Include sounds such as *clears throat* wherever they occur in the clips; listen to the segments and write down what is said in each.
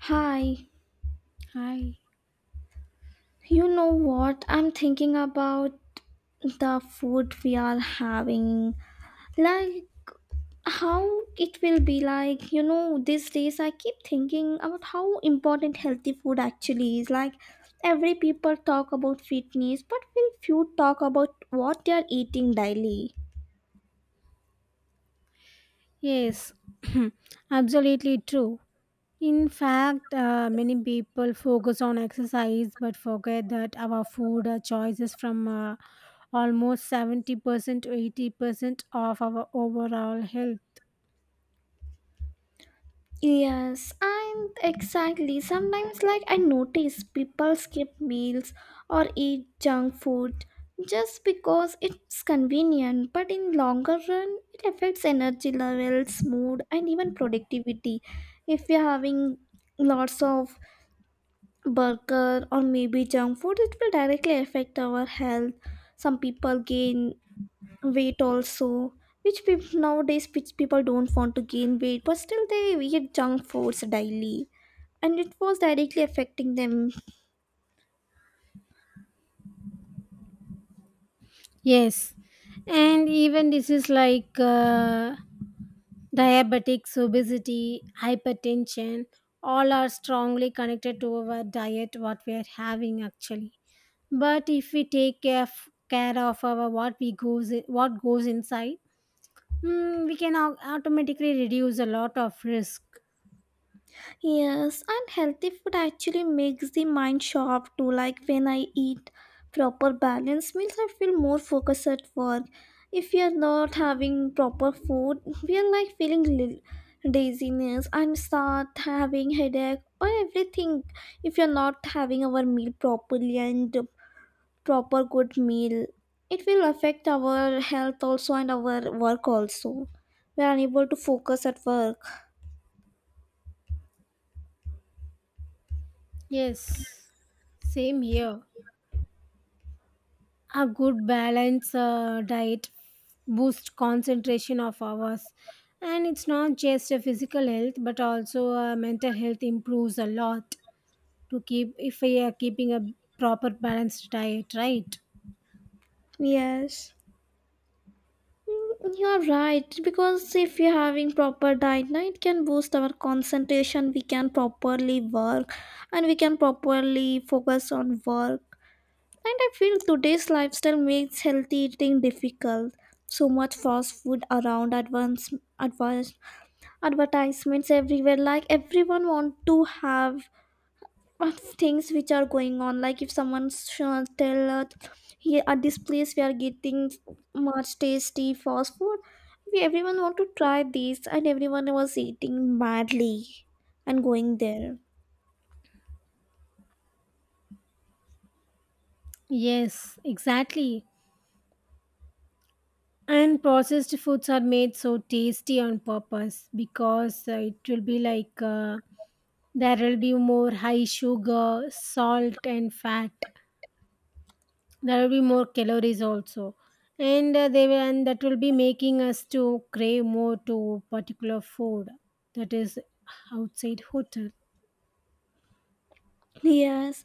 Hi, Hi. you know what? I'm thinking about the food we are having. Like, how it will be like, these days I keep thinking about how important healthy food actually is. Like, every people talk about fitness, but very few talk about what they are eating daily. Yes, *clears throat* absolutely true. In fact, many people focus on exercise but forget that our food choices from almost 70% to 80% of our overall health. Yes, and exactly. Sometimes, like, I notice people skip meals or eat junk food just because it's convenient, but in longer run, it affects energy levels, mood, and even productivity. If you're having lots of burger or maybe junk food, it will directly affect our health. Some people gain weight also, which people nowadays, which people don't want to gain weight but still they eat junk foods daily, and it was directly affecting them. Yes, and even diseases like diabetics, obesity, hypertension, all are strongly connected to our diet, what we are having actually. But if we take care of our what we goes what goes inside, we can automatically reduce a lot of risk. Yes, and healthy food actually makes the mind sharp too. Like when I eat proper balanced meals, I feel more focused at work. If we are not having proper food, we are like feeling laziness and start having headache or everything. If you're not having our meal properly and proper good meal, it will affect our health also and our work also. We are unable to focus at work. Yes, same here. A good balance diet boosts concentration of ours, and it's not just a physical health, but also mental health improves a lot to keep if we are keeping a proper balanced diet, right? Yes. Mm, you are right, because if we are having proper diet now, it can boost our concentration, we can properly work and we can properly focus on work. And I feel today's lifestyle makes healthy eating difficult. So much fast food around, advanced advertisements everywhere, like everyone want to have of things which are going on. Like if someone tell us, here at this place we are getting much tasty fast food, we everyone want to try this and everyone was eating madly and going there. Yes, exactly. And processed foods are made so tasty on purpose, because it will be like there will be more high sugar, salt, and fat. There will be more calories also, and that will be making us to crave more to particular food that is outside hotel. Yes,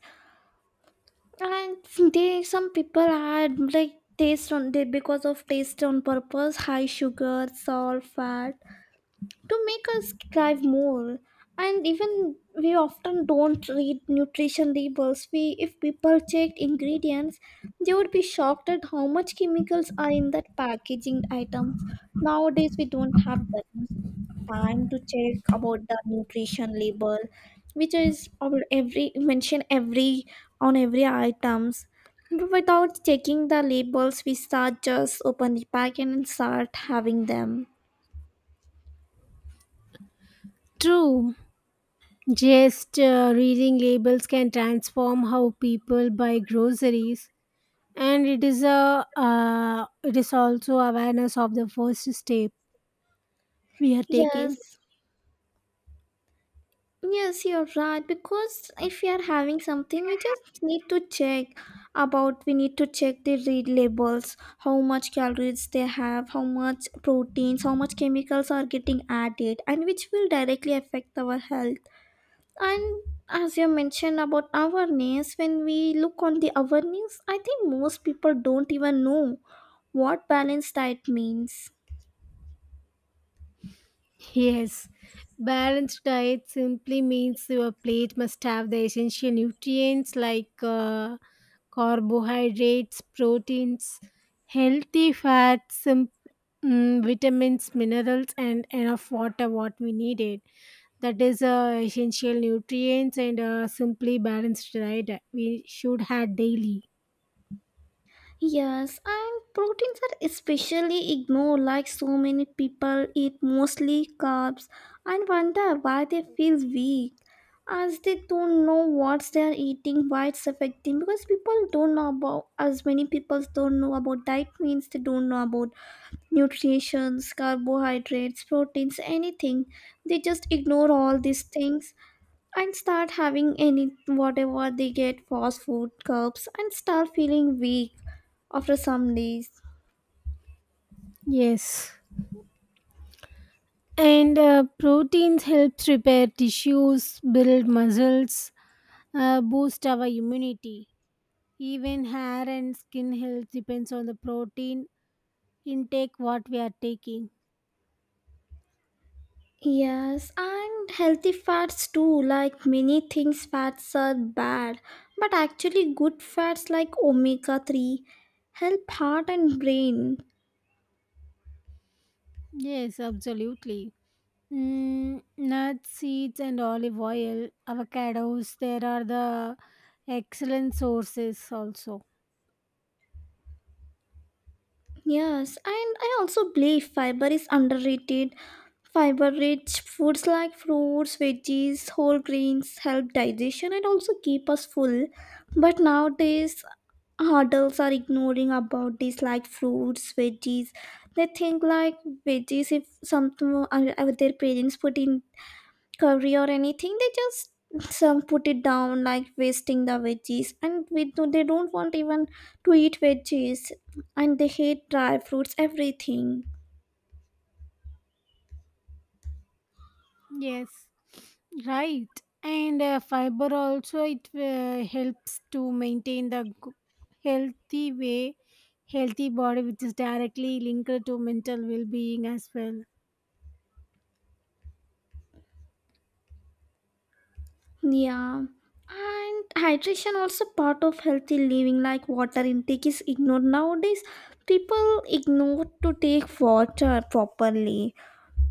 and they some people had like taste on they, because of taste on purpose high sugar salt fat to make us drive more. And even we often don't read nutrition labels. We, if people checked ingredients, they would be shocked at how much chemicals are in that packaging items. Nowadays we don't have that much time to check about the nutrition label, which is our every mention, every on every items. But without checking the labels, we start just open the packet and start having them. True. Just reading labels can transform how people buy groceries, and it is a it is also awareness of the first step we are taking. Yes. Yes, you're right. Because if we are having something, we just need to check about, we need to check the read labels, how much calories they have, how much proteins, how much chemicals are getting added, and which will directly affect our health. And as you mentioned about awareness, when we look on the awareness, I think most people don't even know what balanced diet means. Yes, balanced diet simply means your plate must have the essential nutrients like carbohydrates, proteins, healthy fats, vitamins, minerals, and enough water what we needed. That is essential nutrients, and simply balanced diet we should have daily. Yes, and proteins are especially ignored. Like so many people eat mostly carbs and wonder why they feel weak, as they don't know what they are eating, why it's affecting, because people don't know about, as many people don't know about diet means, they don't know about nutrition, carbohydrates, proteins, anything. They just ignore all these things and start having any whatever they get, fast food carbs, and start feeling weak after some days. Yes. And proteins helps repair tissues, build muscles, boost our immunity. Even hair and skin health depends on the protein intake what we are taking. Yes, and healthy fats too. Like many things, fats are bad, but actually, good fats like omega 3 help heart and brain. Yes, absolutely. Nuts, seeds, and olive oil, avocados, there are the excellent sources also. Yes, and I also believe fiber is underrated. Fiber rich foods like fruits, veggies, whole grains help digestion and also keep us full. But nowadays, adults are ignoring about this, like fruits, veggies. They think like veggies, if something their parents put in curry or anything, they just some put it down, like wasting the veggies, and we do, they don't want even to eat veggies, and they hate dry fruits, everything. Yes, right. And fiber also it helps to maintain the healthy way, healthy body, which is directly linked to mental well-being as well. Yeah, and hydration also part of healthy living. Like water intake is ignored nowadays. People ignore to take water properly.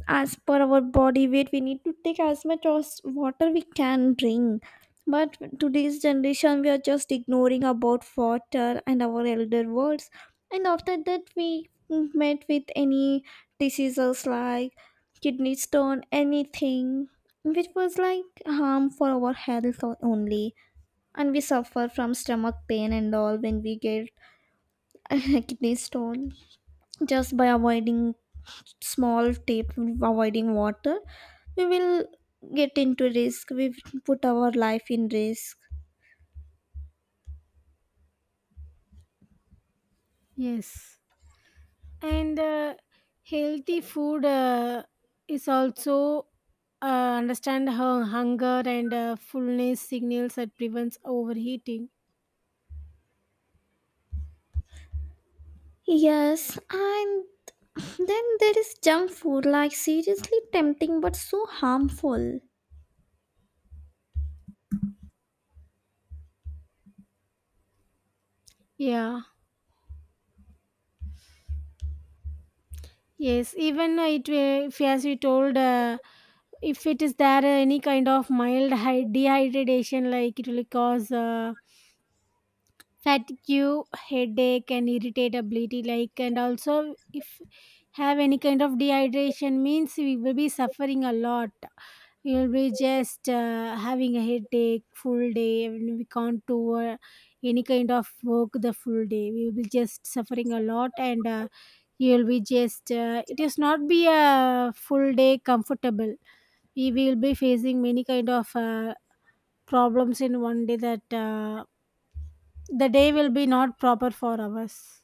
As per our body weight, we need to take as much as water we can drink. But today's generation, we are just ignoring about water and our elder words. And after that we met with any diseases like kidney stone, anything, which was like harm for our health only. And we suffer from stomach pain and all when we get *laughs* kidney stone, just by avoiding small tape, avoiding water. We will get into risk, we will put our life in risk. Yes, and healthy food is also uh, understand how hunger and fullness signals that prevents overheating. Yes, and then there is junk food, like seriously tempting but so harmful. Yeah. Yes, even it if as you told, if it is there any kind of mild dehydration, like it will cause fatigue, headache, and irritability. Like, and also if have any kind of dehydration means we will be suffering a lot. We will be just having a headache full day, and we can't do any kind of work the full day. We will be just suffering a lot, and you'll be just it is not be a full day comfortable, we will be facing many kind of problems in one day, that the day will be not proper for us.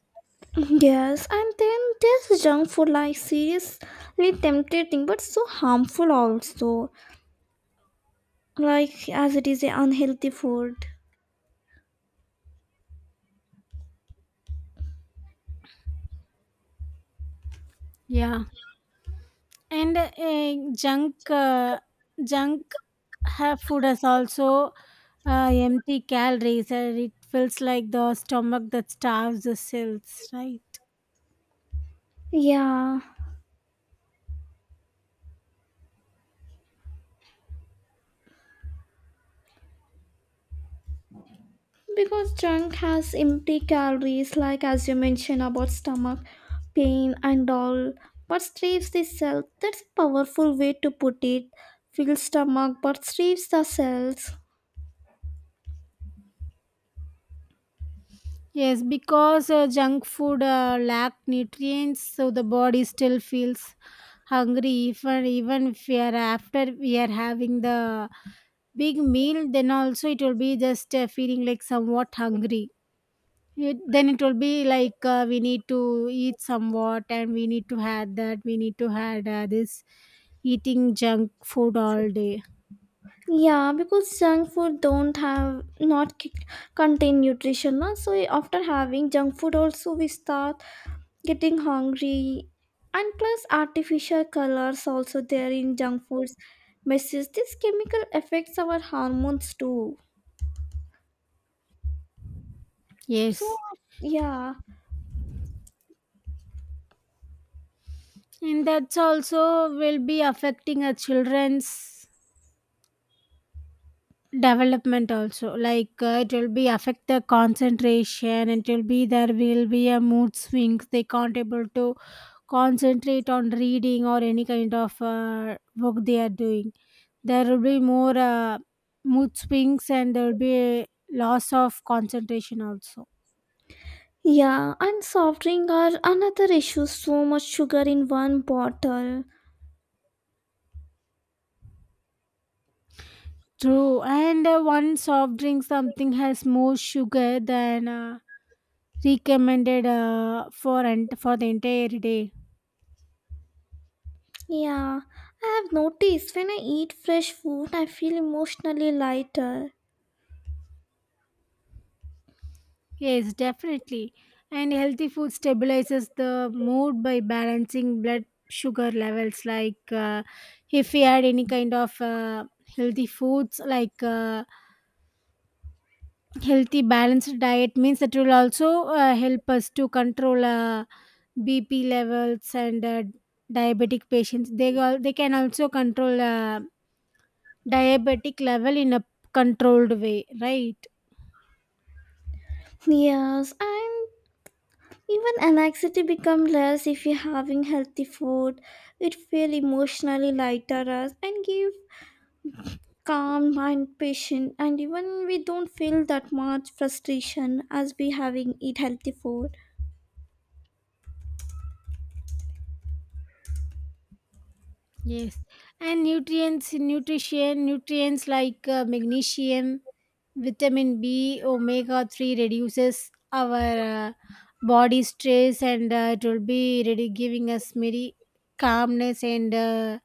Yes, and then there's junk food, like seriously tempting but so harmful also. Like as it is a unhealthy food. Yeah, and junk uh, junk have food is also empty calories, and it feels like the stomach that starves the cells, right? Yeah, because junk has empty calories, like as you mentioned about stomach pain and all, but strips the cell. That's a powerful way to put it. Fills stomach, but strips the cells. Yes, because junk food lack nutrients, so the body still feels hungry. Even if we are after we are having the big meal, then also it will be just feeling like somewhat hungry. It, then it will be like we need to eat somewhat, and we need to have that. We need to have this eating junk food all day. Yeah, because junk food don't have not contain nutrition, na? So after having junk food, also we start getting hungry, and plus artificial colors also there in junk foods. Messes this chemical affects our hormones too. So Yes, yeah, and that's also will be affecting our children's development also, like it will be affect the concentration, it will be, there will be a mood swings, they can't able to concentrate on reading or any kind of work they are doing. There will be more mood swings and there will be a loss of concentration also. yeah, and soft drink are another issue. So much sugar in one bottle. True, and one soft drink something has more sugar than recommended for and for the entire day. Yeah, I have noticed when I eat fresh food, I feel emotionally lighter. Yes, definitely. And healthy food stabilizes the mood by balancing blood sugar levels. Like, if we add any kind of healthy foods, like healthy balanced diet, means that will also help us to control BP levels and diabetic patients. They all they can also control diabetic level in a controlled way, right? Yes, and even anxiety become less if you're having healthy food. It feel emotionally lighter as and give calm mind patient, and even we don't feel that much frustration as we having eat healthy food. Yes, and nutrients, like magnesium, vitamin B, omega 3 reduces our body stress, and it will be ready giving us very calmness and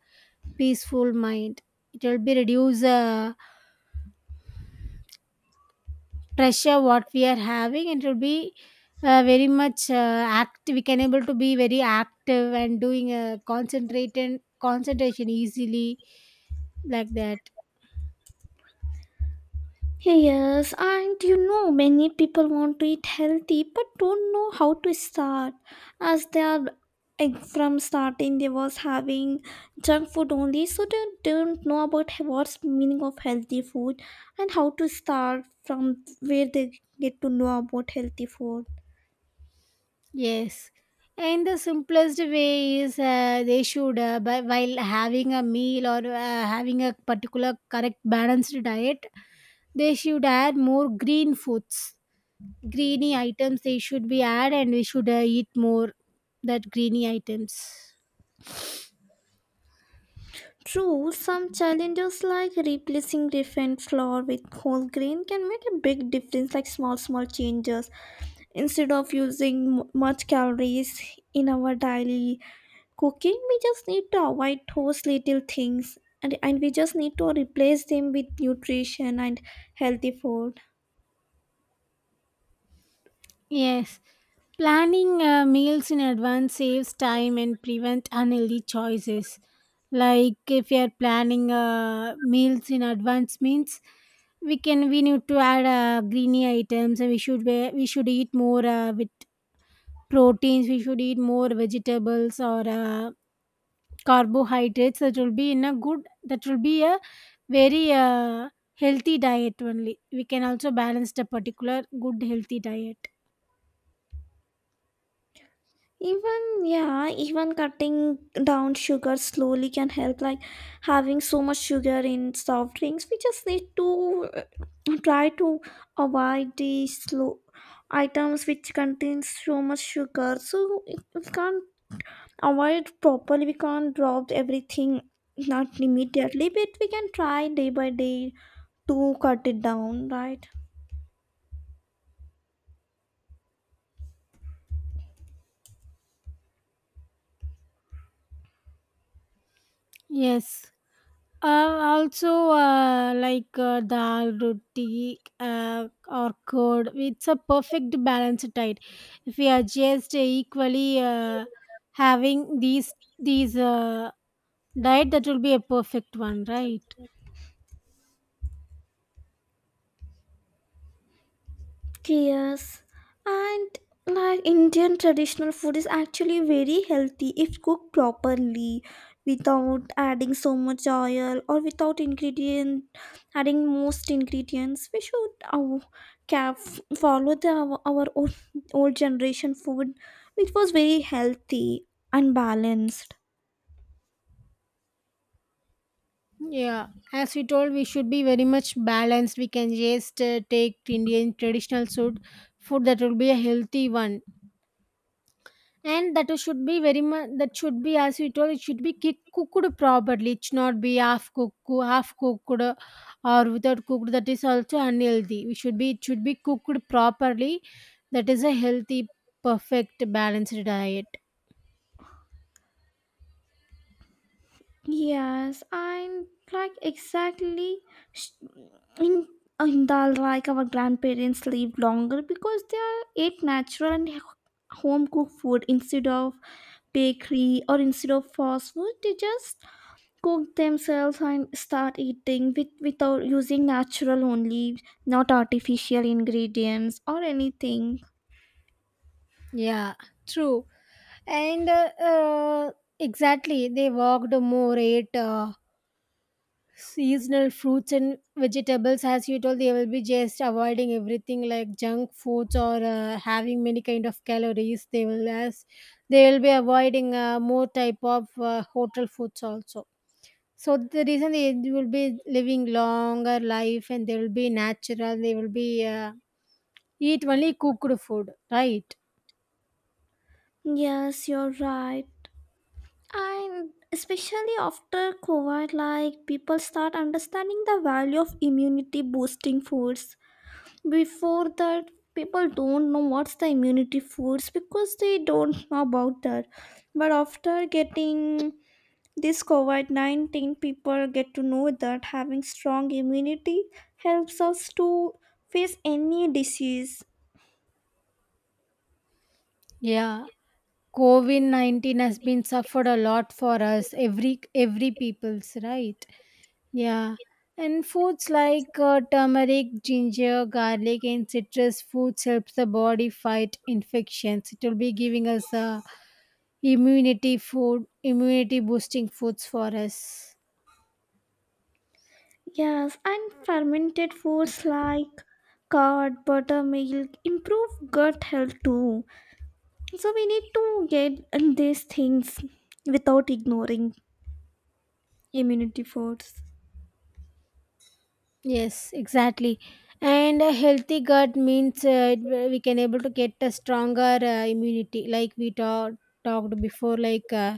peaceful mind. It will be reduce pressure what we are having, and it will be very much active. We can able to be very active and doing a concentrated concentration easily, like that. Yes, and many people want to eat healthy but don't know how to start, as they are from starting they was having junk food only, so they don't know about what's meaning of healthy food and how to start, from where they get to know about healthy food. Yes, and the simplest way is they should, by, while having a meal or having a particular correct balanced diet, they should add more green foods, greeny items. They should be add, and we should eat more that greeny items. True, some challenges like replacing refined flour with whole grain can make a big difference, like small, small changes. Instead of using much calories in our daily cooking, we just need to avoid those little things, and we just need to replace them with nutrition and healthy food. Yes, planning meals in advance saves time and prevent unhealthy choices. Like, if you are planning meals in advance means we can, we need to add greeny items, and we should be, we should eat more with proteins. We should eat more vegetables or carbohydrates. That will be in a good. That will be a very healthy diet only. We can also balance the particular good healthy diet. Even, yeah, even cutting down sugar slowly can help. Like having so much sugar in soft drinks, we just need to try to avoid the slow items which contain so much sugar. So if we can't avoid properly, we can't drop everything, not immediately, but we can try day by day to cut it down, right? Yes. Also, like dal, roti, or curd, it's a perfect balance diet. If we are just equally having these diet, that will be a perfect one, right? Yes, and like Indian traditional food is actually very healthy if cooked properly, without adding so much oil or without ingredient, adding most ingredients we should calf, follow the our old, old generation food, which was very healthy and balanced. Yeah, as we told, we should be very much balanced. We can just take Indian traditional food, food that will be a healthy one. And that should be very much, that should be, as you told, it should be cooked properly. It should not be half cooked, or without cooked. That is also unhealthy. We should be, it should be cooked properly. That is a healthy, perfect, balanced diet. Yes, and like exactly sh- in in dal, like our grandparents live longer because they are ate natural and home cooked food, instead of bakery or instead of fast food. They just cook themselves and start eating with without using natural only, not artificial ingredients or anything. Yeah, true. And exactly, they walked more, ate seasonal fruits and vegetables. As you told, they will be just avoiding everything like junk foods or having many kind of calories. They will, as they will be avoiding more type of hotel foods also. So the reason they will be living longer life, and they will be natural, they will be eat only cooked food, right? Yes, you're right. And especially after COVID, like people start understanding the value of immunity boosting foods. Before that, people don't know what's the immunity foods, because they don't know about that. But after getting this covid-19, people get to know that having strong immunity helps us to face any disease. Yeah, covid-19 has been suffered a lot for us, every people's, right? Yeah, and foods like turmeric, ginger, garlic, and citrus foods helps the body fight infections. It will be giving us immunity food, immunity boosting foods for us. Yes, and fermented foods like curd, buttermilk improve gut health too. So we need to get in these things without ignoring immunity foods. Yes, exactly. And a healthy gut means we can able to get a stronger immunity, like we talked before. Like,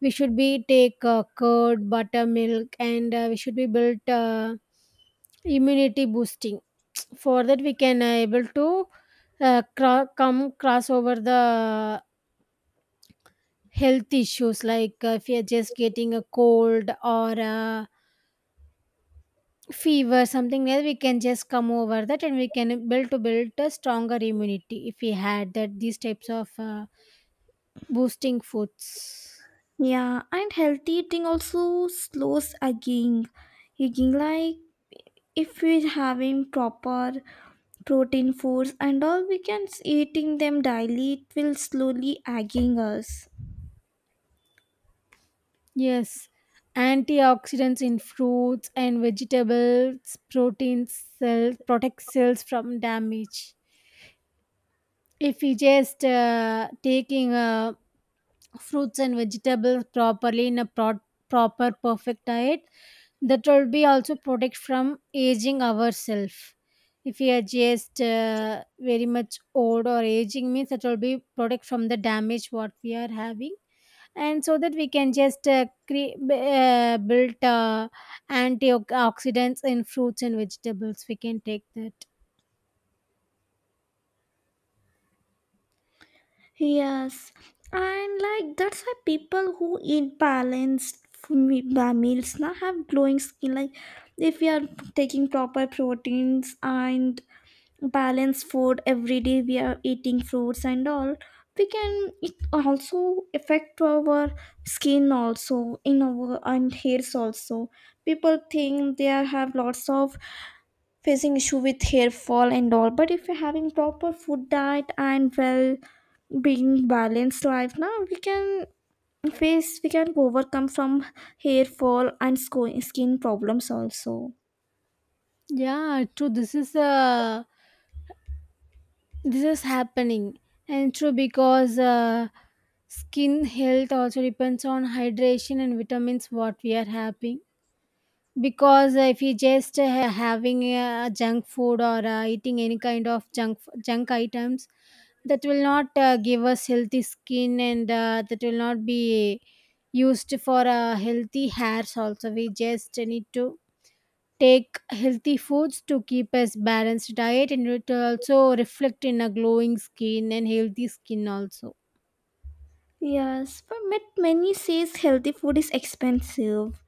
we should be take curd, buttermilk, and we should be built immunity boosting. For that, we can able to come cross over the health issues, like if you're just getting a cold or a fever, something like we can just come over that, and we can build to build a stronger immunity if we had that these types of boosting foods. Yeah, and healthy eating also slows aging. Aging, like if we're having proper protein foods and all, we can eating them daily, it will slowly aging us. Yes, antioxidants in fruits and vegetables protein cells protect cells from damage. If we just taking a fruits and vegetables properly in a proper perfect diet, that will be also protect from aging ourselves. If we are just very much old or aging means that will be protect from the damage what we are having. And so that we can just build antioxidants in fruits and vegetables, we can take that. Yes, and like that's why people who eat balanced meals now have glowing skin. Like if we are taking proper proteins and balanced food every day, we are eating fruits and all. We can, it also affect our skin also in our, and hairs also. People think they are- have lots of facing issue with hair fall and all, but if you're having proper food diet and well being balanced life now, we can face, we can overcome from hair fall and skin problems also. Yeah, true. This is happening. And true, because skin health also depends on hydration and vitamins what we are having. Because if you just having junk food or eating any kind of junk items, that will not give us healthy skin, and that will not be used for healthy hairs also. We just need to take healthy foods to keep us balanced diet, and it also reflect in a glowing skin and healthy skin also. Yes, but many says healthy food is expensive.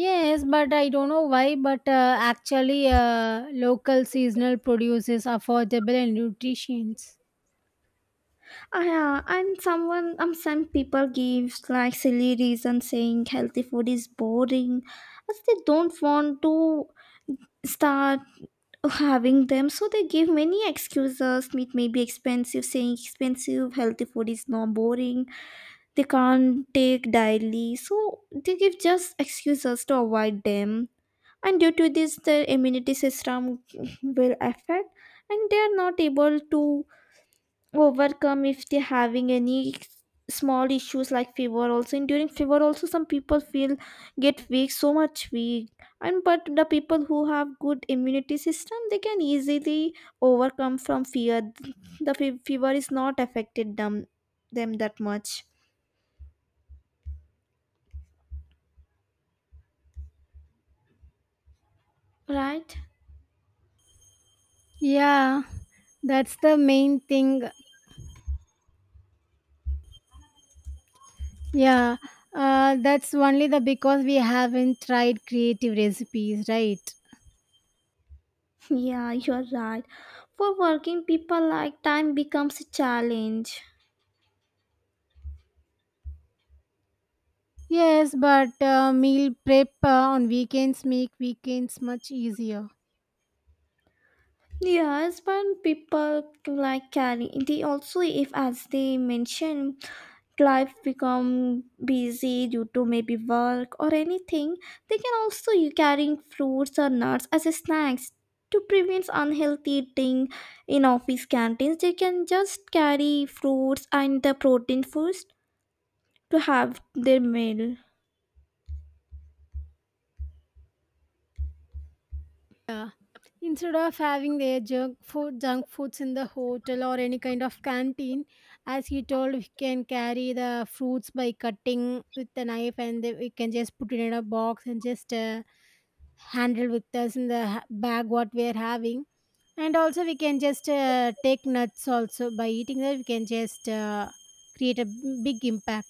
Yes, but I don't know why, but actually, local seasonal produce is affordable and nutritious. Ah, yeah, and someone, some people gives like silly reason, saying healthy food is boring, as they don't want to start having them, so they give many excuses, meat may be expensive, saying expensive healthy food is not boring, they can't take daily, so they give just excuses to avoid them. And due to this, the immunity system will affect, and they are not able to overcome if they're having any small issues like fever also. And during fever also some people feel get weak, so much weak. And but the people who have good immunity system, they can easily overcome from fear, the fever is not affected them, them that much, right? Yeah, that's the main thing. Yeah, that's only the, because we haven't tried creative recipes, right? *laughs* Yeah, you're right. For working people, like time becomes a challenge. Yes, but meal prep on weekends make weekends much easier. Yes, but people like carry they also, if as they mention, life become busy due to maybe work or anything, they can also you carrying fruits or nuts as a snacks to prevent unhealthy eating in office canteens. They can just carry fruits and the protein foods to have their meal. Yeah. Instead of having their junk food, junk foods in the hotel or any kind of canteen, as you told, we can carry the fruits by cutting with the knife, and then we can just put it in a box and just handle with us in the bag what we are having. And also, we can just take nuts also by eating that. We can just create a big impact.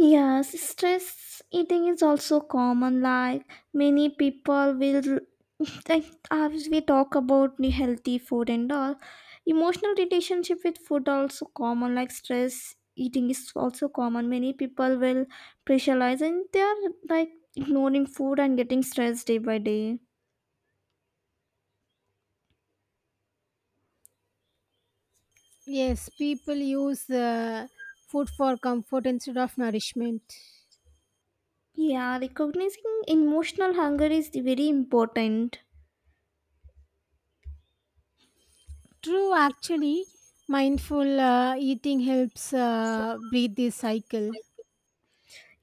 Yes, stress eating is also common. Like many people will, *laughs* like as we talk about the healthy food and all, emotional relationship with food also common. Like stress eating is also common. Many people will pressurize, and they are like ignoring food and getting stressed day by day. Yes, people use food for comfort instead of nourishment. Yeah, recognizing emotional hunger is the very important. True, actually, mindful eating helps breathe this cycle.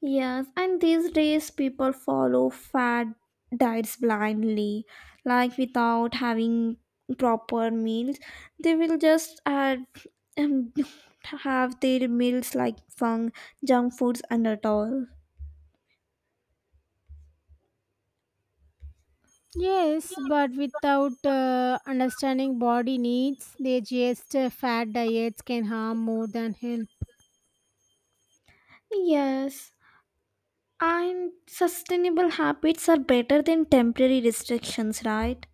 Yes, and these days people follow fad diets blindly, like without having proper meals. They will just add um, *laughs* have their meals like fun, junk foods, and at all. Yes, but without understanding body needs, they just fat diets can harm more than help. Yes, and sustainable habits are better than temporary restrictions, right?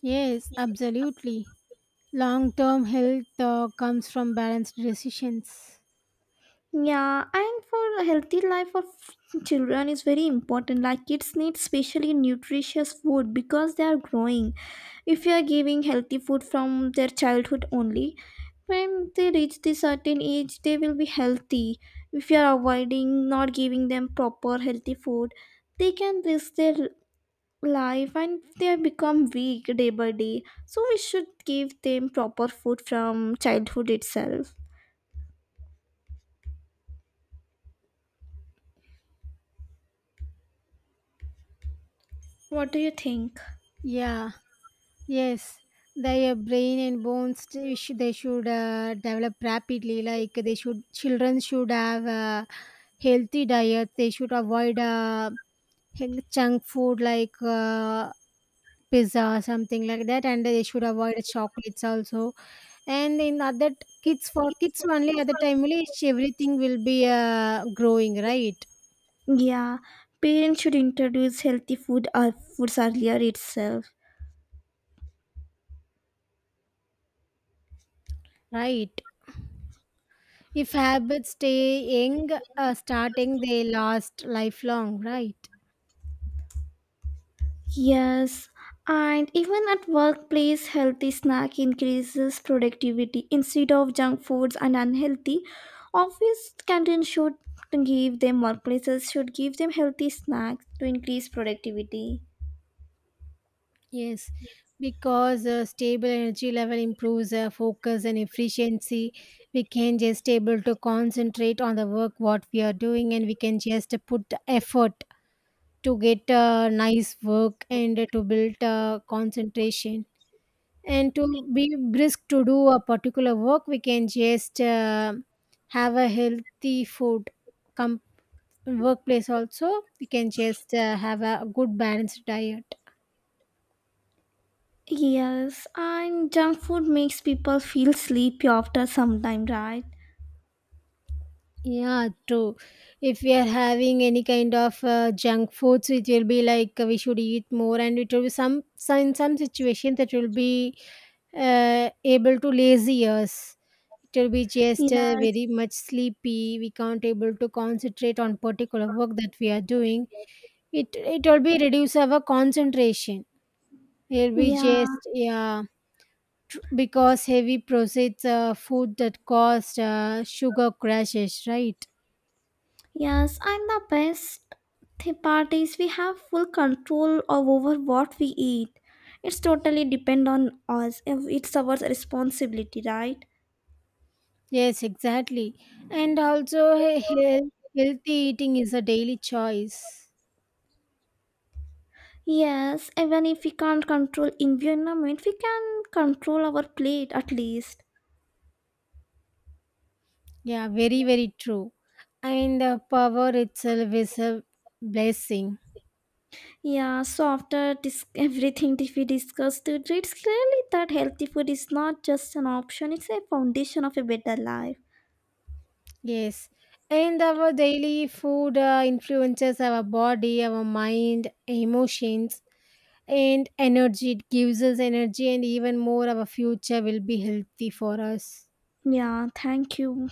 Yes, absolutely. Long term health comes from balanced decisions. Yeah, and for a healthy life of children is very important. Like kids need specially nutritious food because they are growing. If you are giving healthy food from their childhood only, when they reach the certain age, they will be healthy. If you are avoiding not giving them proper healthy food, they can risk their life, and they become weak day by day. So we should give them proper food from childhood itself. What do you think? Yeah, yes. Their brain and bones they should, develop rapidly. Like, they should, children should have healthy diet. They should avoid Heng junk food like, pizza, something like that, and they should avoid chocolates also. And in other kids, for Kids kids for only, at kids the for the time only, it's everything will be, entertainment growing, right? should be, yeah, parents should introduce healthy food or foods earlier itself. Right. If habits stay young, starting, they last lifelong, right? Yes, and even at workplace, healthy snack increases productivity instead of junk foods and unhealthy. Office canteens should give them, workplaces should give them healthy snacks to increase productivity. Yes, Yes. because a stable energy level improves focus and efficiency. We can just able to concentrate on the work what we are doing, and we can just put the effort to get nice work and to build concentration, and to be brisk to do a particular work, we can just have a healthy food, com- workplace also, we can just have a good balanced diet. Yes, and junk food makes people feel sleepy after some time, right? Yeah, true. If we are having any kind of junk foods, it will be like we should eat more, and it will be some in some situations, that will be able to lazy us. Till we just Yes, very much sleepy, we can't able to concentrate on particular work that we are doing. It will be reduce our concentration. It will be yeah, just, yeah, because heavy processed food that cause sugar crashes, right? yes, and the best part is we have full control of over what we eat. It's totally depend on us. If it's our responsibility, right? Yes, exactly. And also, healthy eating is a daily choice. Yes, even if we can't control environment, we can control our plate at least. Yeah, very, very true. And power itself is a blessing. Yeah, so after *laughs* everything that we discussed today, it's clearly that healthy food is not just an option, it's a foundation of a better life. Yes, and our daily food influences our body, our mind, emotions, and energy. It gives us energy, and even more, our future will be healthy for us. Yeah, thank you.